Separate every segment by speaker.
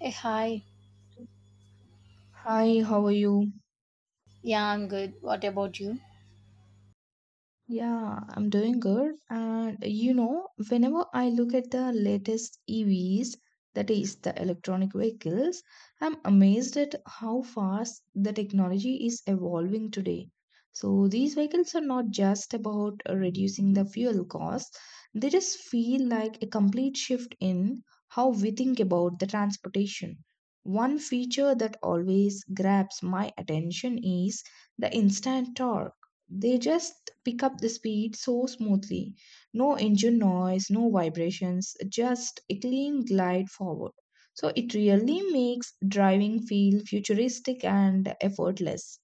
Speaker 1: Hey, hi.
Speaker 2: Hi, how are you?
Speaker 1: Yeah, I'm good. What about you?
Speaker 2: Yeah, I'm doing good. And you know, whenever I look at the latest EVs, that is the electronic vehicles, I'm amazed at how fast the technology is evolving today. So these vehicles are not just about reducing the fuel costs, they just feel like a complete shift in how we think about the transportation. One feature that always grabs my attention is the instant torque. They just pick up the speed so smoothly. No engine noise, no vibrations, just a clean glide forward. So it really makes driving feel futuristic and effortless.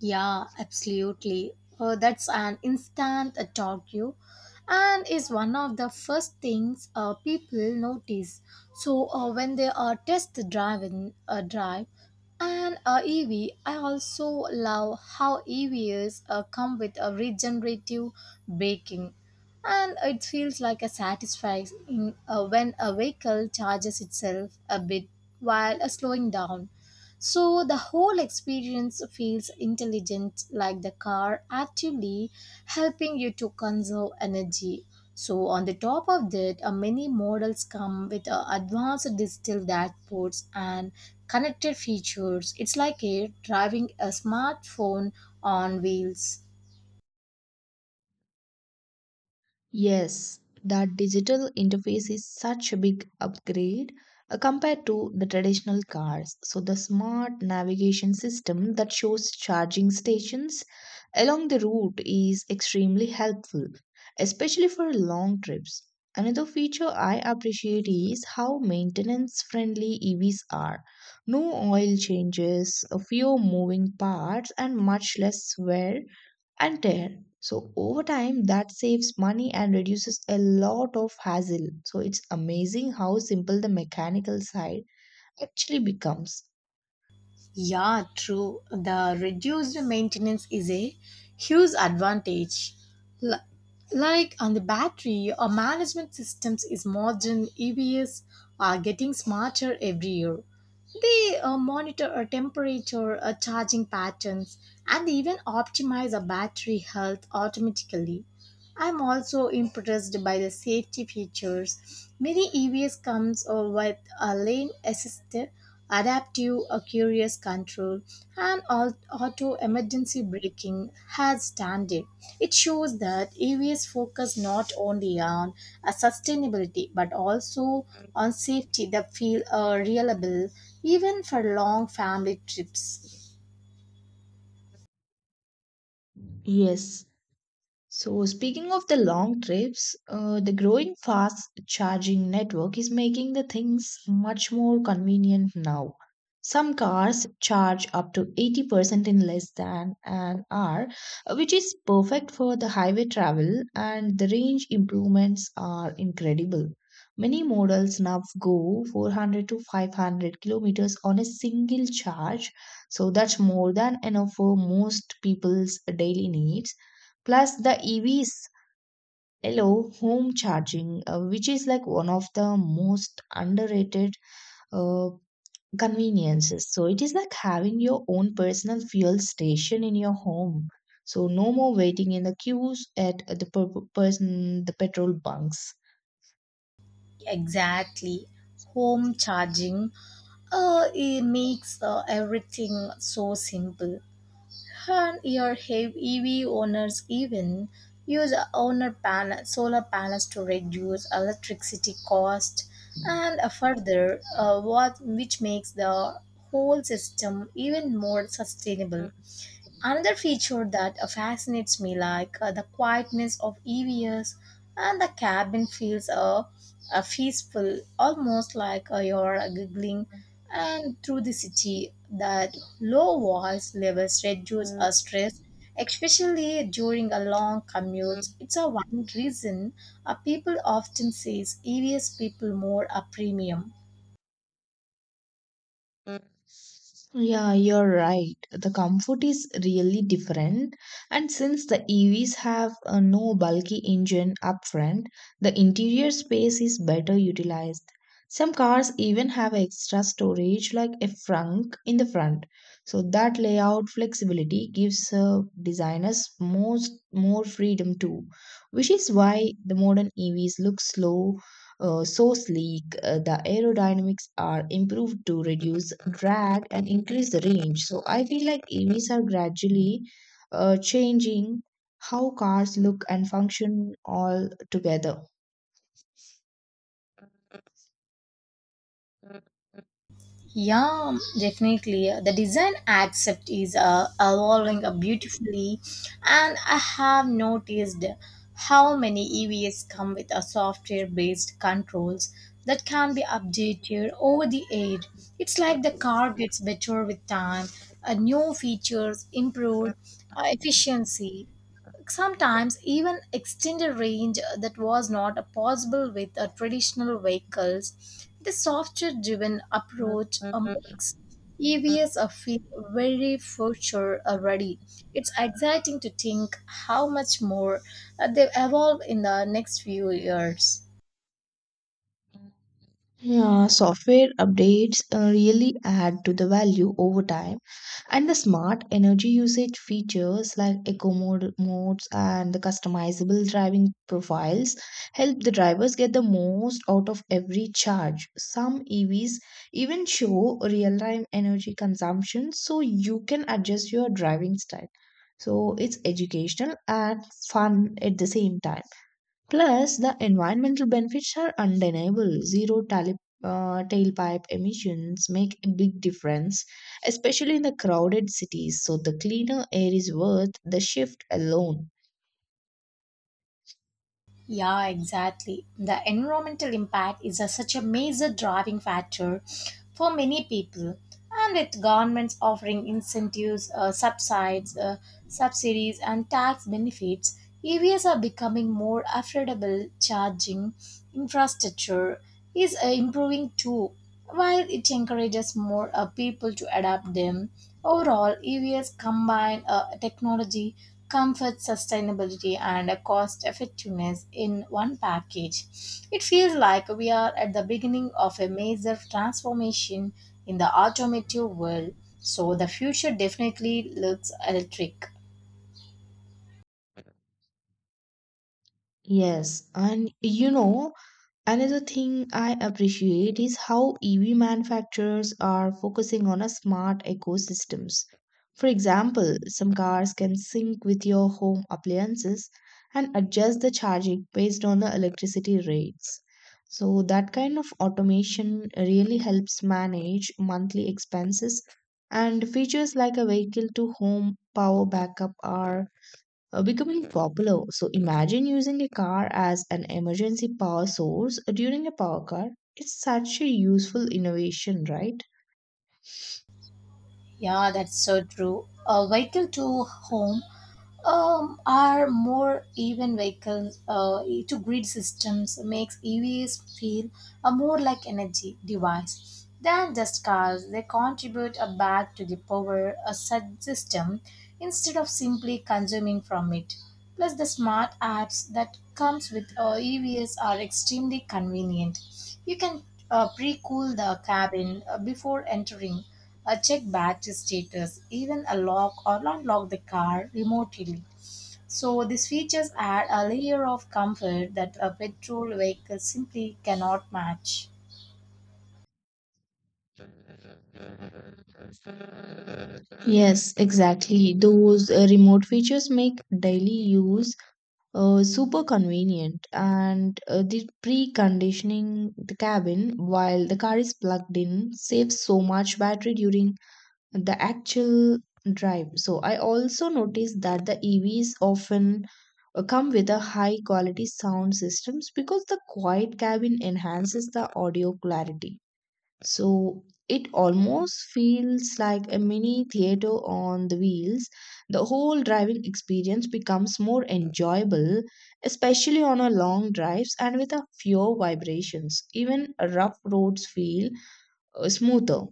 Speaker 1: Yeah, absolutely. That's an instant talk you and is one of the first things people notice. So when they are test driving a drive an EV, I also love how EVs come with a regenerative braking and it feels like a satisfying when a vehicle charges itself a bit while slowing down. So the whole experience feels intelligent, like the car actively helping you to conserve energy. So, on the top of that, many models come with advanced digital dashboards and connected features. It's like a driving a smartphone on wheels.
Speaker 2: Yes, that digital interface is such a big upgrade compared to the traditional cars. So, the smart navigation system that shows charging stations along the route is extremely helpful, especially for long trips. Another feature I appreciate is how maintenance friendly EVs are. No oil changes, fewer moving parts, and much less wear and tear. So over time, that saves money and reduces a lot of hassle. So it's amazing how simple the mechanical side actually becomes.
Speaker 1: Yeah, true. The reduced maintenance is a huge advantage. L- like on the battery, our management systems is modern. EVs are getting smarter every year. They monitor our temperature, our charging patterns, and they even optimize our battery health automatically. I'm also impressed by the safety features. Many EVs comes with a lane assist, adaptive curious control, and auto emergency braking as standard. It shows that EVs focus not only on sustainability but also on safety that feel reliable even for long family trips.
Speaker 2: Yes, so, speaking of the long trips, the growing fast charging network is making the things much more convenient now. Some cars charge up to 80% in less than an hour, which is perfect for the highway travel, and the range improvements are incredible. Many models now go 400 to 500 kilometers on a single charge, so that's more than enough for most people's daily needs. Plus the EVs allow home charging, which is like one of the most underrated uh, conveniences. So it is like having your own personal fuel station in your home. So no more waiting in the queues at the per- person the petrol bunks.
Speaker 1: Exactly. Home charging. It makes everything so simple. And your heavy EV owners even use a owner panel, solar panels to reduce electricity cost and further what which makes the whole system even more sustainable.
Speaker 2: Mm.
Speaker 1: Another feature that fascinates me, like the quietness of EVs and the cabin feels peaceful, almost like you're giggling and through the city. That low voice levels reduce our stress, especially during a long commute. It's a one reason people often says EVs people more a premium.
Speaker 2: Yeah, you're right. The comfort is really different. And since the EVs have a no bulky engine up front, the interior space is better utilized. Some cars even have extra storage like a trunk in the front. So that layout flexibility gives designers most more freedom too, which is why the modern EVs look slow, source leak. The aerodynamics are improved to reduce drag and increase the range. So I feel like EVs are gradually changing how cars look and function all together.
Speaker 1: Yeah, definitely. The design aspect is evolving beautifully, and I have noticed how many EVs come with a software-based controls that can be updated over the air. It's like the car gets better with time, new features, improved efficiency sometimes even extended range that was not possible with traditional vehicles. The software driven approach makes EVs feel very future ready. It's exciting to think how much more they evolve in the next few years.
Speaker 2: Yeah, software updates really add to the value over time. And the smart energy usage features like eco mode, modes and the customizable driving profiles help the drivers get the most out of every charge. Some EVs even show real time energy consumption so you can adjust your driving style. So it's educational and fun at the same time. Plus, the environmental benefits are undeniable. Zero tailpipe emissions make a big difference, especially in the crowded cities. So, the cleaner air is worth the shift alone.
Speaker 1: Yeah, exactly. The environmental impact is such a major driving factor for many people. And with governments offering incentives, subsidies, and tax benefits, EVs are becoming more affordable. Charging infrastructure is improving too. While it encourages more people to adopt them, overall EVs combine technology, comfort, sustainability, and cost effectiveness in one package. It feels like we are at the beginning of a major transformation in the automotive world, so the future definitely looks electric.
Speaker 2: Yes, and another thing I appreciate is how EV manufacturers are focusing on a smart ecosystems. For example, some cars can sync with your home appliances and adjust the charging based on the electricity rates. So that kind of automation really helps manage monthly expenses and features like a vehicle to home power backup are becoming popular. So imagine using a car as an emergency power source during a power cut. It's such a useful innovation, right?
Speaker 1: Yeah, that's so true. A vehicle to home are more even vehicles to grid systems makes EVs feel a more like energy device than just cars. They contribute a back to the power a system instead of simply consuming from it. Plus, the smart apps that comes with EVs are extremely convenient. You can pre-cool the cabin before entering, check battery status, even unlock or unlock the car remotely. So these features add a layer of comfort that a petrol vehicle simply cannot match.
Speaker 2: Yes, exactly. Those remote features make daily use super convenient, and the preconditioning the cabin while the car is plugged in saves so much battery during the actual drive. So I also noticed that the EVs often come with a high quality sound systems because the quiet cabin enhances the audio clarity. So it almost feels like a mini theater on the wheels. The whole driving experience becomes more enjoyable, especially on our long drives and with a fewer vibrations. Even rough roads feel smoother.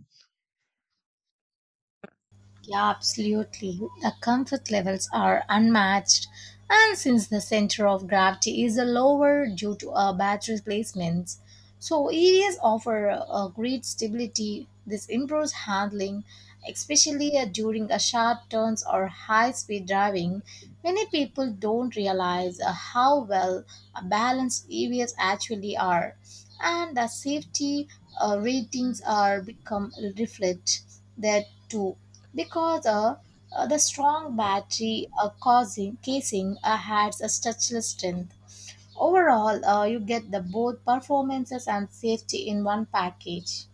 Speaker 1: Yeah, absolutely. The comfort levels are unmatched, and since the center of gravity is lower due to battery placements, so EVs offer a great stability. This improves handling, especially during a sharp turns or high-speed driving. Many people don't realize how well balanced EVs actually are and the safety ratings are become reflect that too because the strong battery causing casing has a touchless strength overall you get the both performances and safety in one package.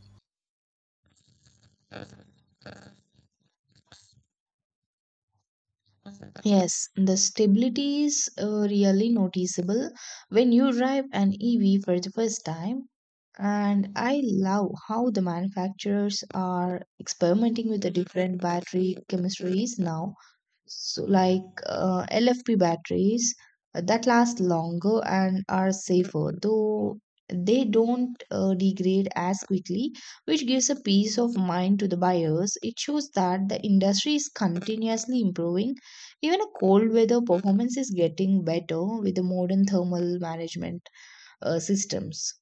Speaker 2: Yes, the stability is really noticeable when you drive an EV for the first time. And I love how the manufacturers are experimenting with the different battery chemistries now, so like LFP batteries that last longer and are safer, though they don't degrade as quickly, which gives a peace of mind to the buyers. It shows that the industry is continuously improving. Even a cold weather performance is getting better with the modern thermal management systems.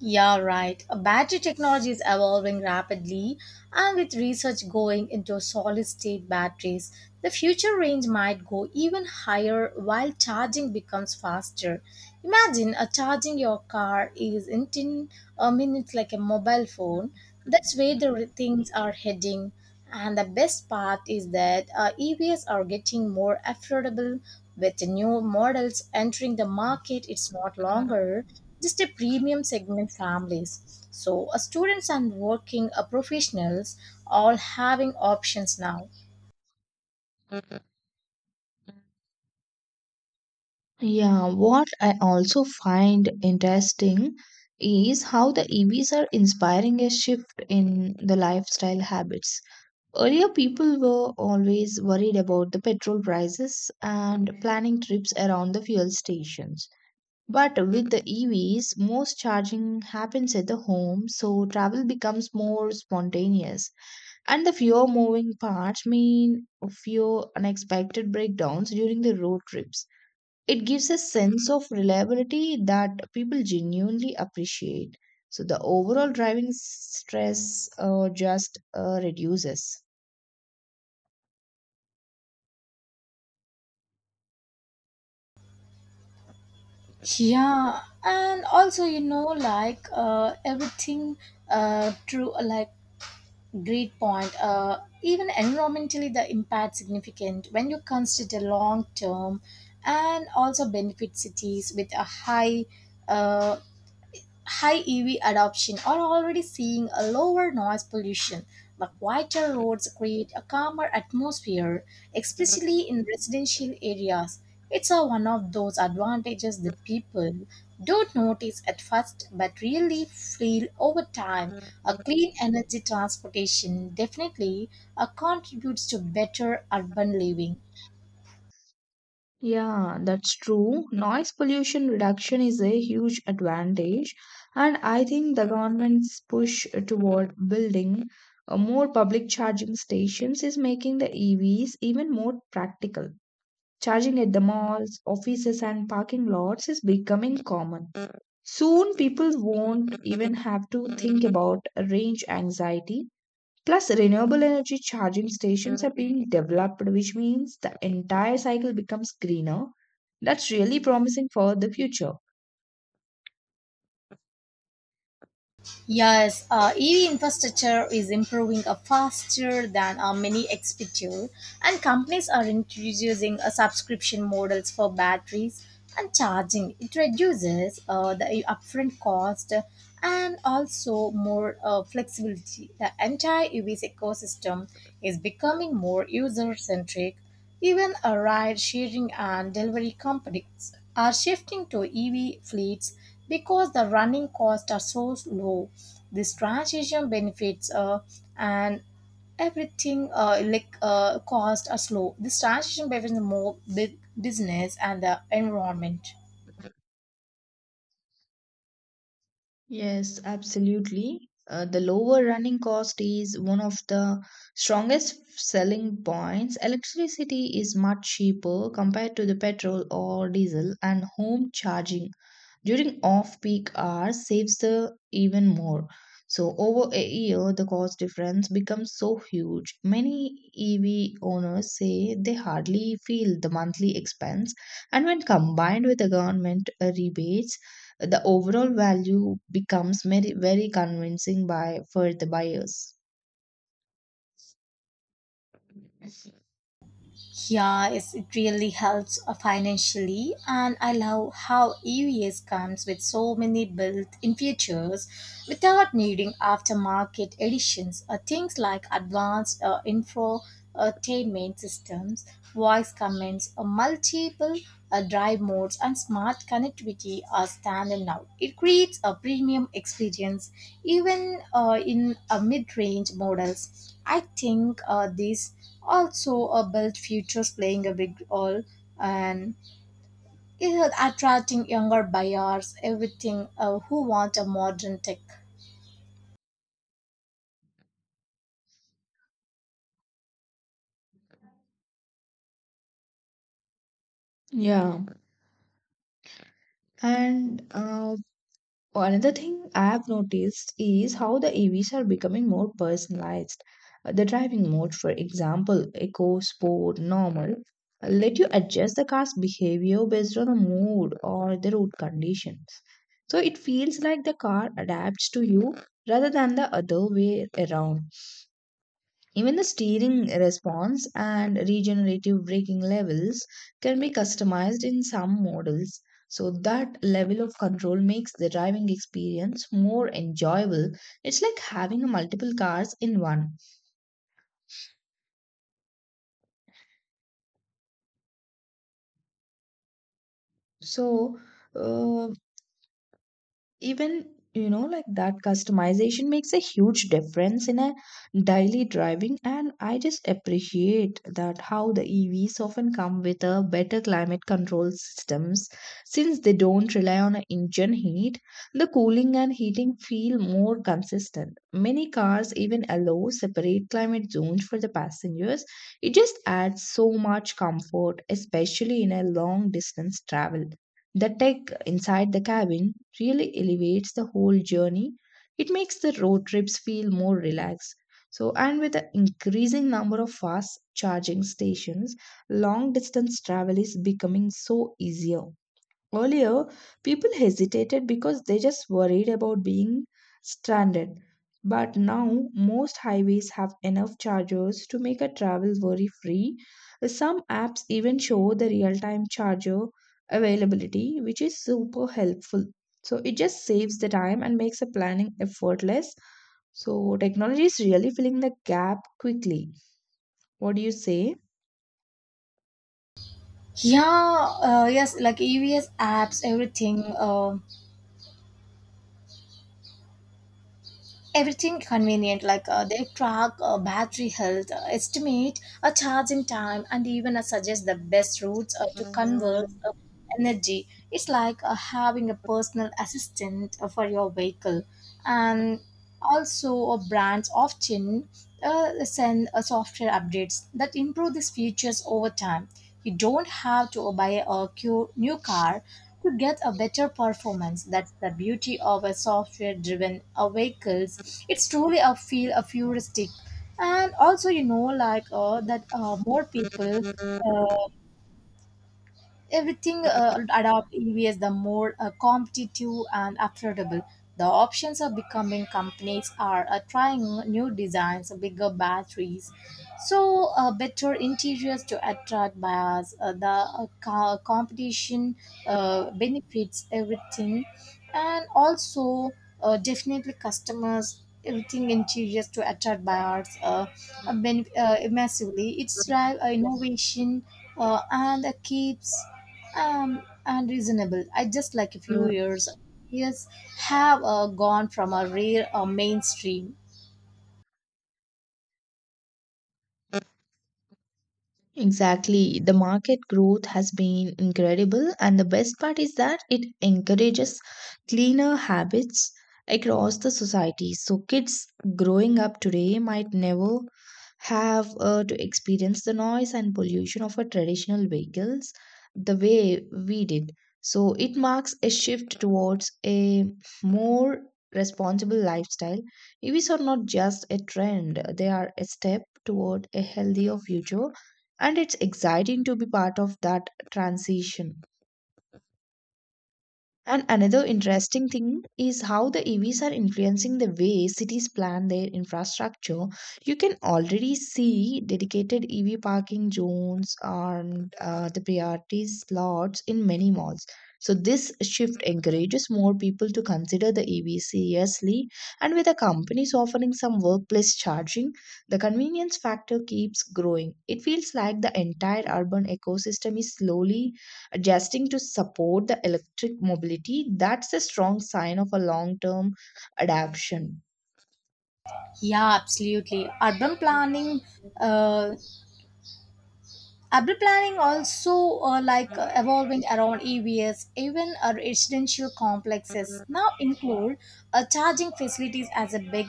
Speaker 1: Yeah, right. Battery technology is evolving rapidly, and with research going into solid state batteries, the future range might go even higher while charging becomes faster. Imagine charging your car is in 10 a minute like a mobile phone. That's where the things are heading. And the best part is that EVs are getting more affordable with new models entering the market. It's not longer just a premium segment families. So, students and working professionals all having options now.
Speaker 2: Yeah, what I also find interesting is how the EVs are inspiring a shift in the lifestyle habits. Earlier, people were always worried about the petrol prices and planning trips around the fuel stations. But with the EVs, most charging happens at the home, so travel becomes more spontaneous. And the fewer moving parts mean fewer unexpected breakdowns during the road trips. It gives a sense of reliability that people genuinely appreciate. So the overall driving stress just reduces.
Speaker 1: Yeah, and also like everything through like. Great point. Even environmentally, the impact significant when you consider long term, and also benefit cities with a uh, high EV adoption are already seeing a lower noise pollution, but quieter roads create a calmer atmosphere, especially in residential areas. It's a one of those advantages that people don't notice at first but really feel over time. A clean energy transportation definitely contributes to better urban living.
Speaker 2: Yeah, that's true. Noise pollution reduction is a huge advantage, and I think the government's push toward building more public charging stations is making the EVs even more practical. Charging at the malls, offices, and parking lots is becoming common. Soon, people won't even have to think about range anxiety. Plus, renewable energy charging stations are being developed, which means the entire cycle becomes greener. That's really promising for the future.
Speaker 1: Yes, EV infrastructure is improving faster than many expected, and companies are introducing subscription models for batteries and charging. It reduces the upfront cost and also more flexibility. The entire EV's ecosystem is becoming more user centric even a ride sharing and delivery companies are shifting to EV fleets because the running costs are so low. This transition benefits and everything like costs are slow. This transition benefits more big business and the environment.
Speaker 2: Yes, absolutely. The lower running cost is one of the strongest selling points. Electricity is much cheaper compared to the petrol or diesel, and home charging during off-peak hours saves the even more. So over a year, the cost difference becomes so huge. Many EV owners say they hardly feel the monthly expense, and when combined with the government rebates, the overall value becomes very, very convincing by for the buyers.
Speaker 1: Yeah, it really helps financially, and I love how EVS comes with so many built-in features without needing aftermarket additions. Things like advanced infotainment systems, voice commands, multiple drive modes and smart connectivity are standard now. It creates a premium experience even in mid-range models. I think these also built futures playing a big role and it is attracting younger buyers, everything who want a modern tech.
Speaker 2: Yeah. And another thing I've noticed is how the EVs are becoming more personalized. The driving mode, for example, eco, sport, normal, let you adjust the car's behavior based on the mood or the road conditions. So it feels like the car adapts to you rather than the other way around. Even the steering response and regenerative braking levels can be customized in some models, so that level of control makes the driving experience more enjoyable. It's like having multiple cars in one. So, uh, even like that customization makes a huge difference in a daily driving. And I just appreciate that how the EVs often come with a better climate control systems, since they don't rely on a engine heat. The cooling and heating feel more consistent. Many cars even allow separate climate zones for the passengers. It just adds so much comfort, especially in a long distance travel. The tech inside the cabin really elevates the whole journey. It makes the road trips feel more relaxed. So, and with the increasing number of fast charging stations, long distance travel is becoming so easier. Earlier, people hesitated because they just worried about being stranded. But now, most highways have enough chargers to make a travel worry free. Some apps even show the real time charger availability, which is super helpful. So, it just saves the time and makes the planning effortless. So, technology is really filling the gap quickly. What do you say?
Speaker 1: Yeah, yes, like EVS apps, everything. Everything convenient like they track battery health estimate a charging time and even suggest the best routes to convert energy. It's like having a personal assistant for your vehicle, and also brands often send software updates that improve these features over time. You don't have to buy a new car to get a better performance. That's the beauty of a software-driven vehicles. It's truly a feel a futuristic, and also like that more people uh, everything adopt EVs, the more competitive and affordable. The options are becoming companies are trying new designs, bigger batteries, so better interiors to attract buyers. The competition benefits everything, and also definitely customers. Everything interiors to attract buyers massively. It's drive innovation and keeps and reasonable. I just like a few years. Yes, have gone from a rare mainstream.
Speaker 2: Exactly. The market growth has been incredible, and the best part is that it encourages cleaner habits across the society. So, kids growing up today might never have to experience the noise and pollution of our traditional vehicles the way we did. So, it marks a shift towards a more responsible lifestyle. EVs are not just a trend, they are a step toward a healthier future. And it's exciting to be part of that transition. And another interesting thing is how the EVs are influencing the way cities plan their infrastructure. You can already see dedicated EV parking zones and the priority slots in many malls. So, this shift encourages more people to consider the EV seriously. And with the companies offering some workplace charging, the convenience factor keeps growing. It feels like the entire urban ecosystem is slowly adjusting to support the electric mobility. That's a strong sign of a long term adaptation.
Speaker 1: Yeah, absolutely. Uh, Urban planning also like evolving around EVs, even residential complexes now include charging facilities as a big,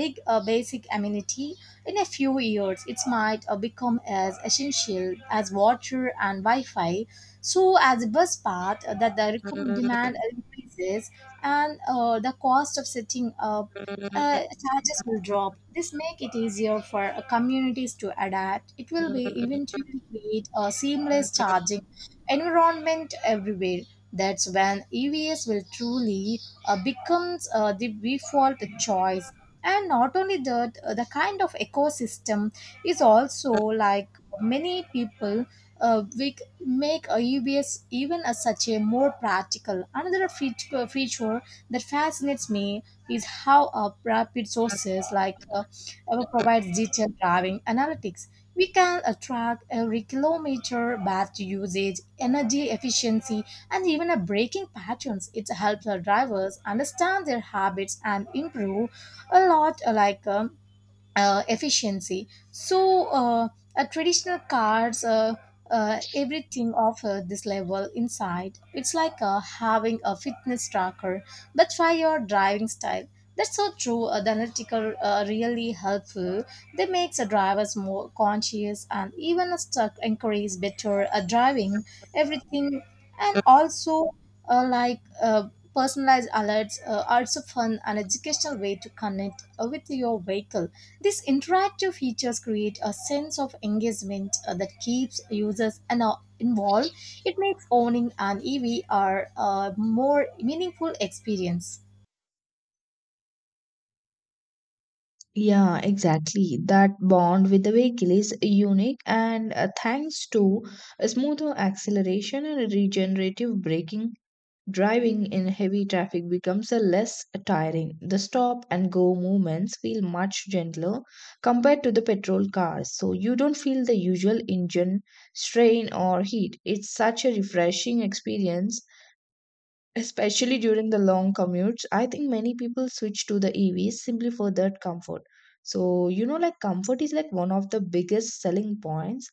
Speaker 1: big basic amenity. In a few years, it might become as essential as water and Wi-Fi. So, as a bus path that the demand increases and the cost of setting up charges will drop. This make it easier for communities to adapt. It will be eventually create a seamless charging environment everywhere. That's when EVs will truly becomes the default choice. And not only that, the kind of ecosystem is also like many people uh, we c- make a EVs even as such a more practical. Another feature that fascinates me is how rapid sources like provides digital driving analytics. We can track every kilometer, battery usage, energy efficiency, and even a braking patterns. It helps our drivers understand their habits and improve a lot. Like efficiency. So a traditional cars, everything of this level inside. It's like having a fitness tracker, but for your driving style. That's so true. The analytical really helpful. They makes the drivers more conscious and even a stuck encourage better driving. Everything and also like personalized alerts are also fun and educational way to connect with your vehicle. These interactive features create a sense of engagement that keeps users and involved. It makes owning an EV a more meaningful experience.
Speaker 2: Yeah, exactly. That bond with the vehicle is unique, and thanks to a smoother acceleration and regenerative braking, driving in heavy traffic becomes a less tiring. The stop and go movements feel much gentler compared to the petrol cars, so you don't feel the usual engine strain or heat. It's such a refreshing experience. Especially during the long commutes, I think many people switch to the EVs simply for that comfort. So, like comfort is like one of the biggest selling points.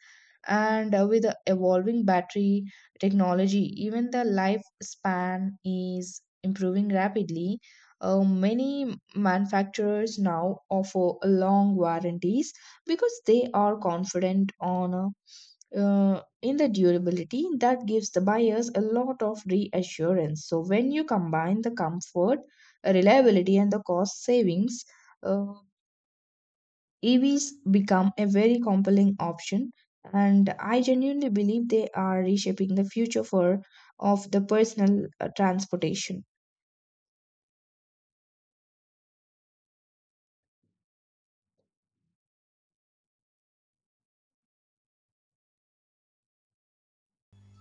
Speaker 2: And with the evolving battery technology, even the lifespan is improving rapidly. Many manufacturers now offer long warranties because they are confident on in the durability that gives the buyers a lot of reassurance. So when you combine the comfort, reliability, and the cost savings, uh, EVs become a very compelling option. And I genuinely believe they are reshaping the future for of the personal transportation.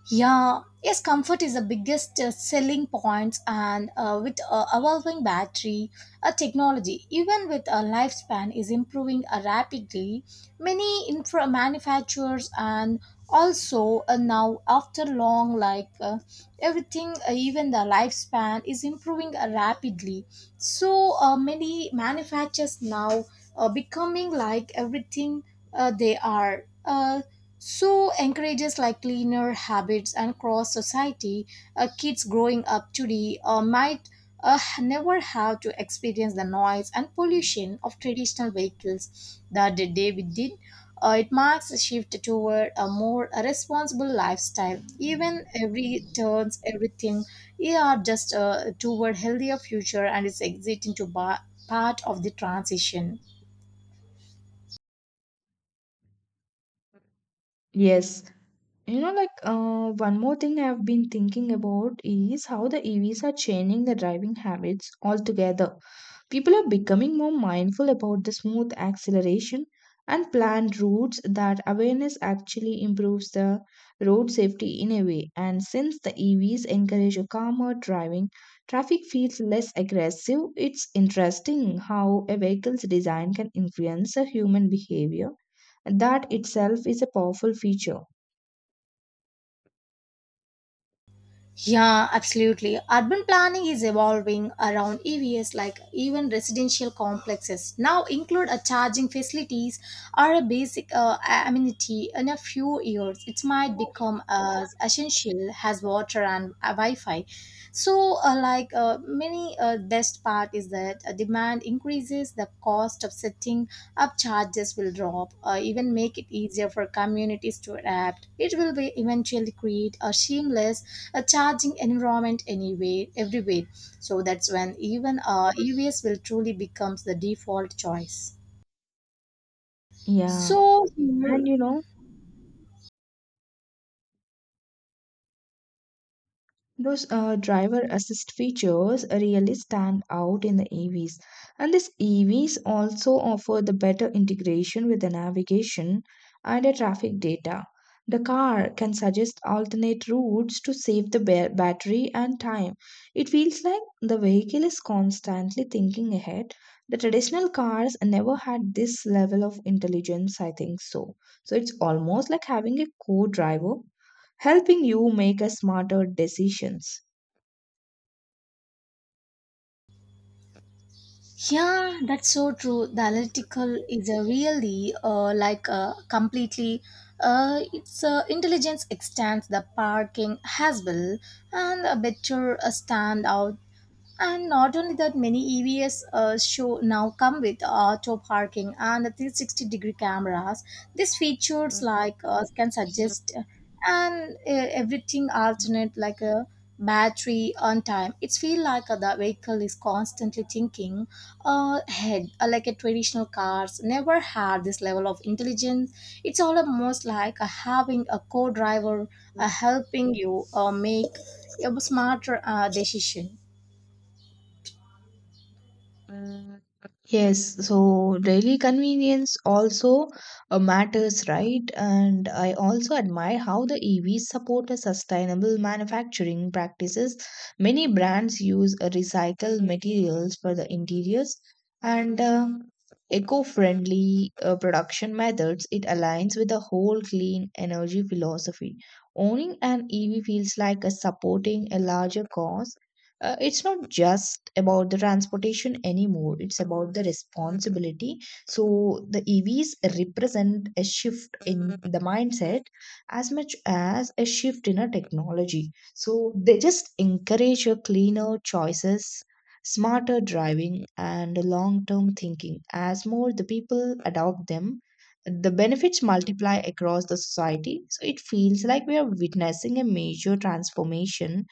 Speaker 1: Yeah, yes, comfort is the biggest selling point, and with evolving battery technology, even with a lifespan is improving rapidly. Many infra manufacturers and also now after long like everything, even the lifespan is improving rapidly. So many manufacturers now becoming like everything they are. So encourages like cleaner habits and cross society, kids growing up today might never have to experience the noise and pollution of traditional vehicles that the day we did. It marks a shift toward a more responsible lifestyle. Even every turns, everything, they are just toward healthier future, and it's exiting to part of the transition.
Speaker 2: Yes. You know, like one more thing I've been thinking about is how the EVs are changing the driving habits altogether. People are becoming more mindful about the smooth acceleration and planned routes. That awareness actually improves the road safety in a way. And since the EVs encourage a calmer driving, traffic feels less aggressive. It's interesting how a vehicle's design can influence a human behavior. That itself is a powerful feature.
Speaker 1: Yeah, absolutely. Urban planning is evolving around EVs, like even residential complexes now include a charging facilities or a basic amenity. In a few years, it might become as essential as water and Wi-Fi. So, like many best part is that demand increases, the cost of setting up charges will drop, even make it easier for communities to adapt. It will be eventually create a seamless charging environment anywhere, everywhere. So that's when even EVs will truly becomes the default choice.
Speaker 2: Yeah.
Speaker 1: So
Speaker 2: And
Speaker 1: here.
Speaker 2: you know, those driver assist features really stand out in the EVs. And these EVs also offer the better integration with the navigation and the traffic data. The car can suggest alternate routes to save the battery and time. It feels like the vehicle is constantly thinking ahead. The traditional cars never had this level of intelligence, I think so. So it's almost like having a co driver helping you make a smarter decisions.
Speaker 1: Yeah, that's so true. The analytical is a really like completely its intelligence extends the parking has well and a better standout. And not only that, many EVs show now come with auto parking and 360-degree cameras. These features like can suggest and everything alternate like a battery on time. It's feel like the vehicle is constantly thinking ahead, like a traditional cars never had this level of intelligence. It's all almost like having a co-driver helping you make a smarter decision.
Speaker 2: Yes, so daily convenience also matters, right? And I also admire how the EVs support a sustainable manufacturing practices. Many brands use recycled materials for the interiors and eco-friendly production methods. It aligns with the whole clean energy philosophy. Owning an EV feels like a supporting a larger cause, it's not just about the transportation anymore. It's about the responsibility. So the EVs represent a shift in the mindset as much as a shift in a technology. So they just encourage a cleaner choices, smarter driving, and long term thinking. As more the people adopt them, the benefits multiply across the society. So it feels like we are witnessing a major transformation.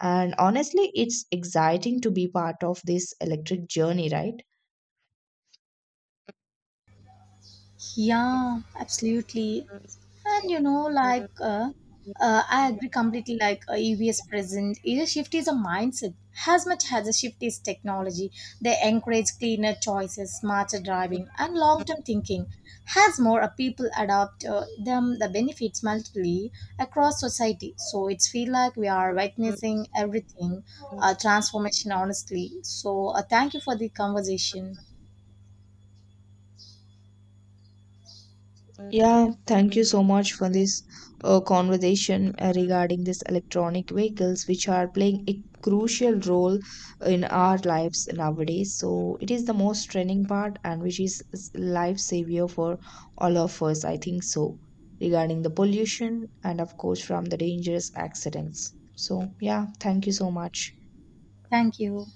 Speaker 2: And honestly, it's exciting to be part of this electric journey, right?
Speaker 1: Yeah, absolutely. And like, I agree completely. Like, EVS present, either shift is a mindset as much as a shift is technology. They encourage cleaner choices, smarter driving, and long term thinking. As more people adopt them, the benefits multiply across society. So it's feel like we are witnessing everything, transformation, honestly. So, thank you for the conversation.
Speaker 2: Yeah, thank you so much for this conversation regarding these electronic vehicles, which are playing a crucial role in our lives nowadays. So it is the most trending part, and which is life savior for all of us. I think so. Regarding the pollution, and of course, from the dangerous accidents. So yeah, thank you so much.
Speaker 1: Thank you.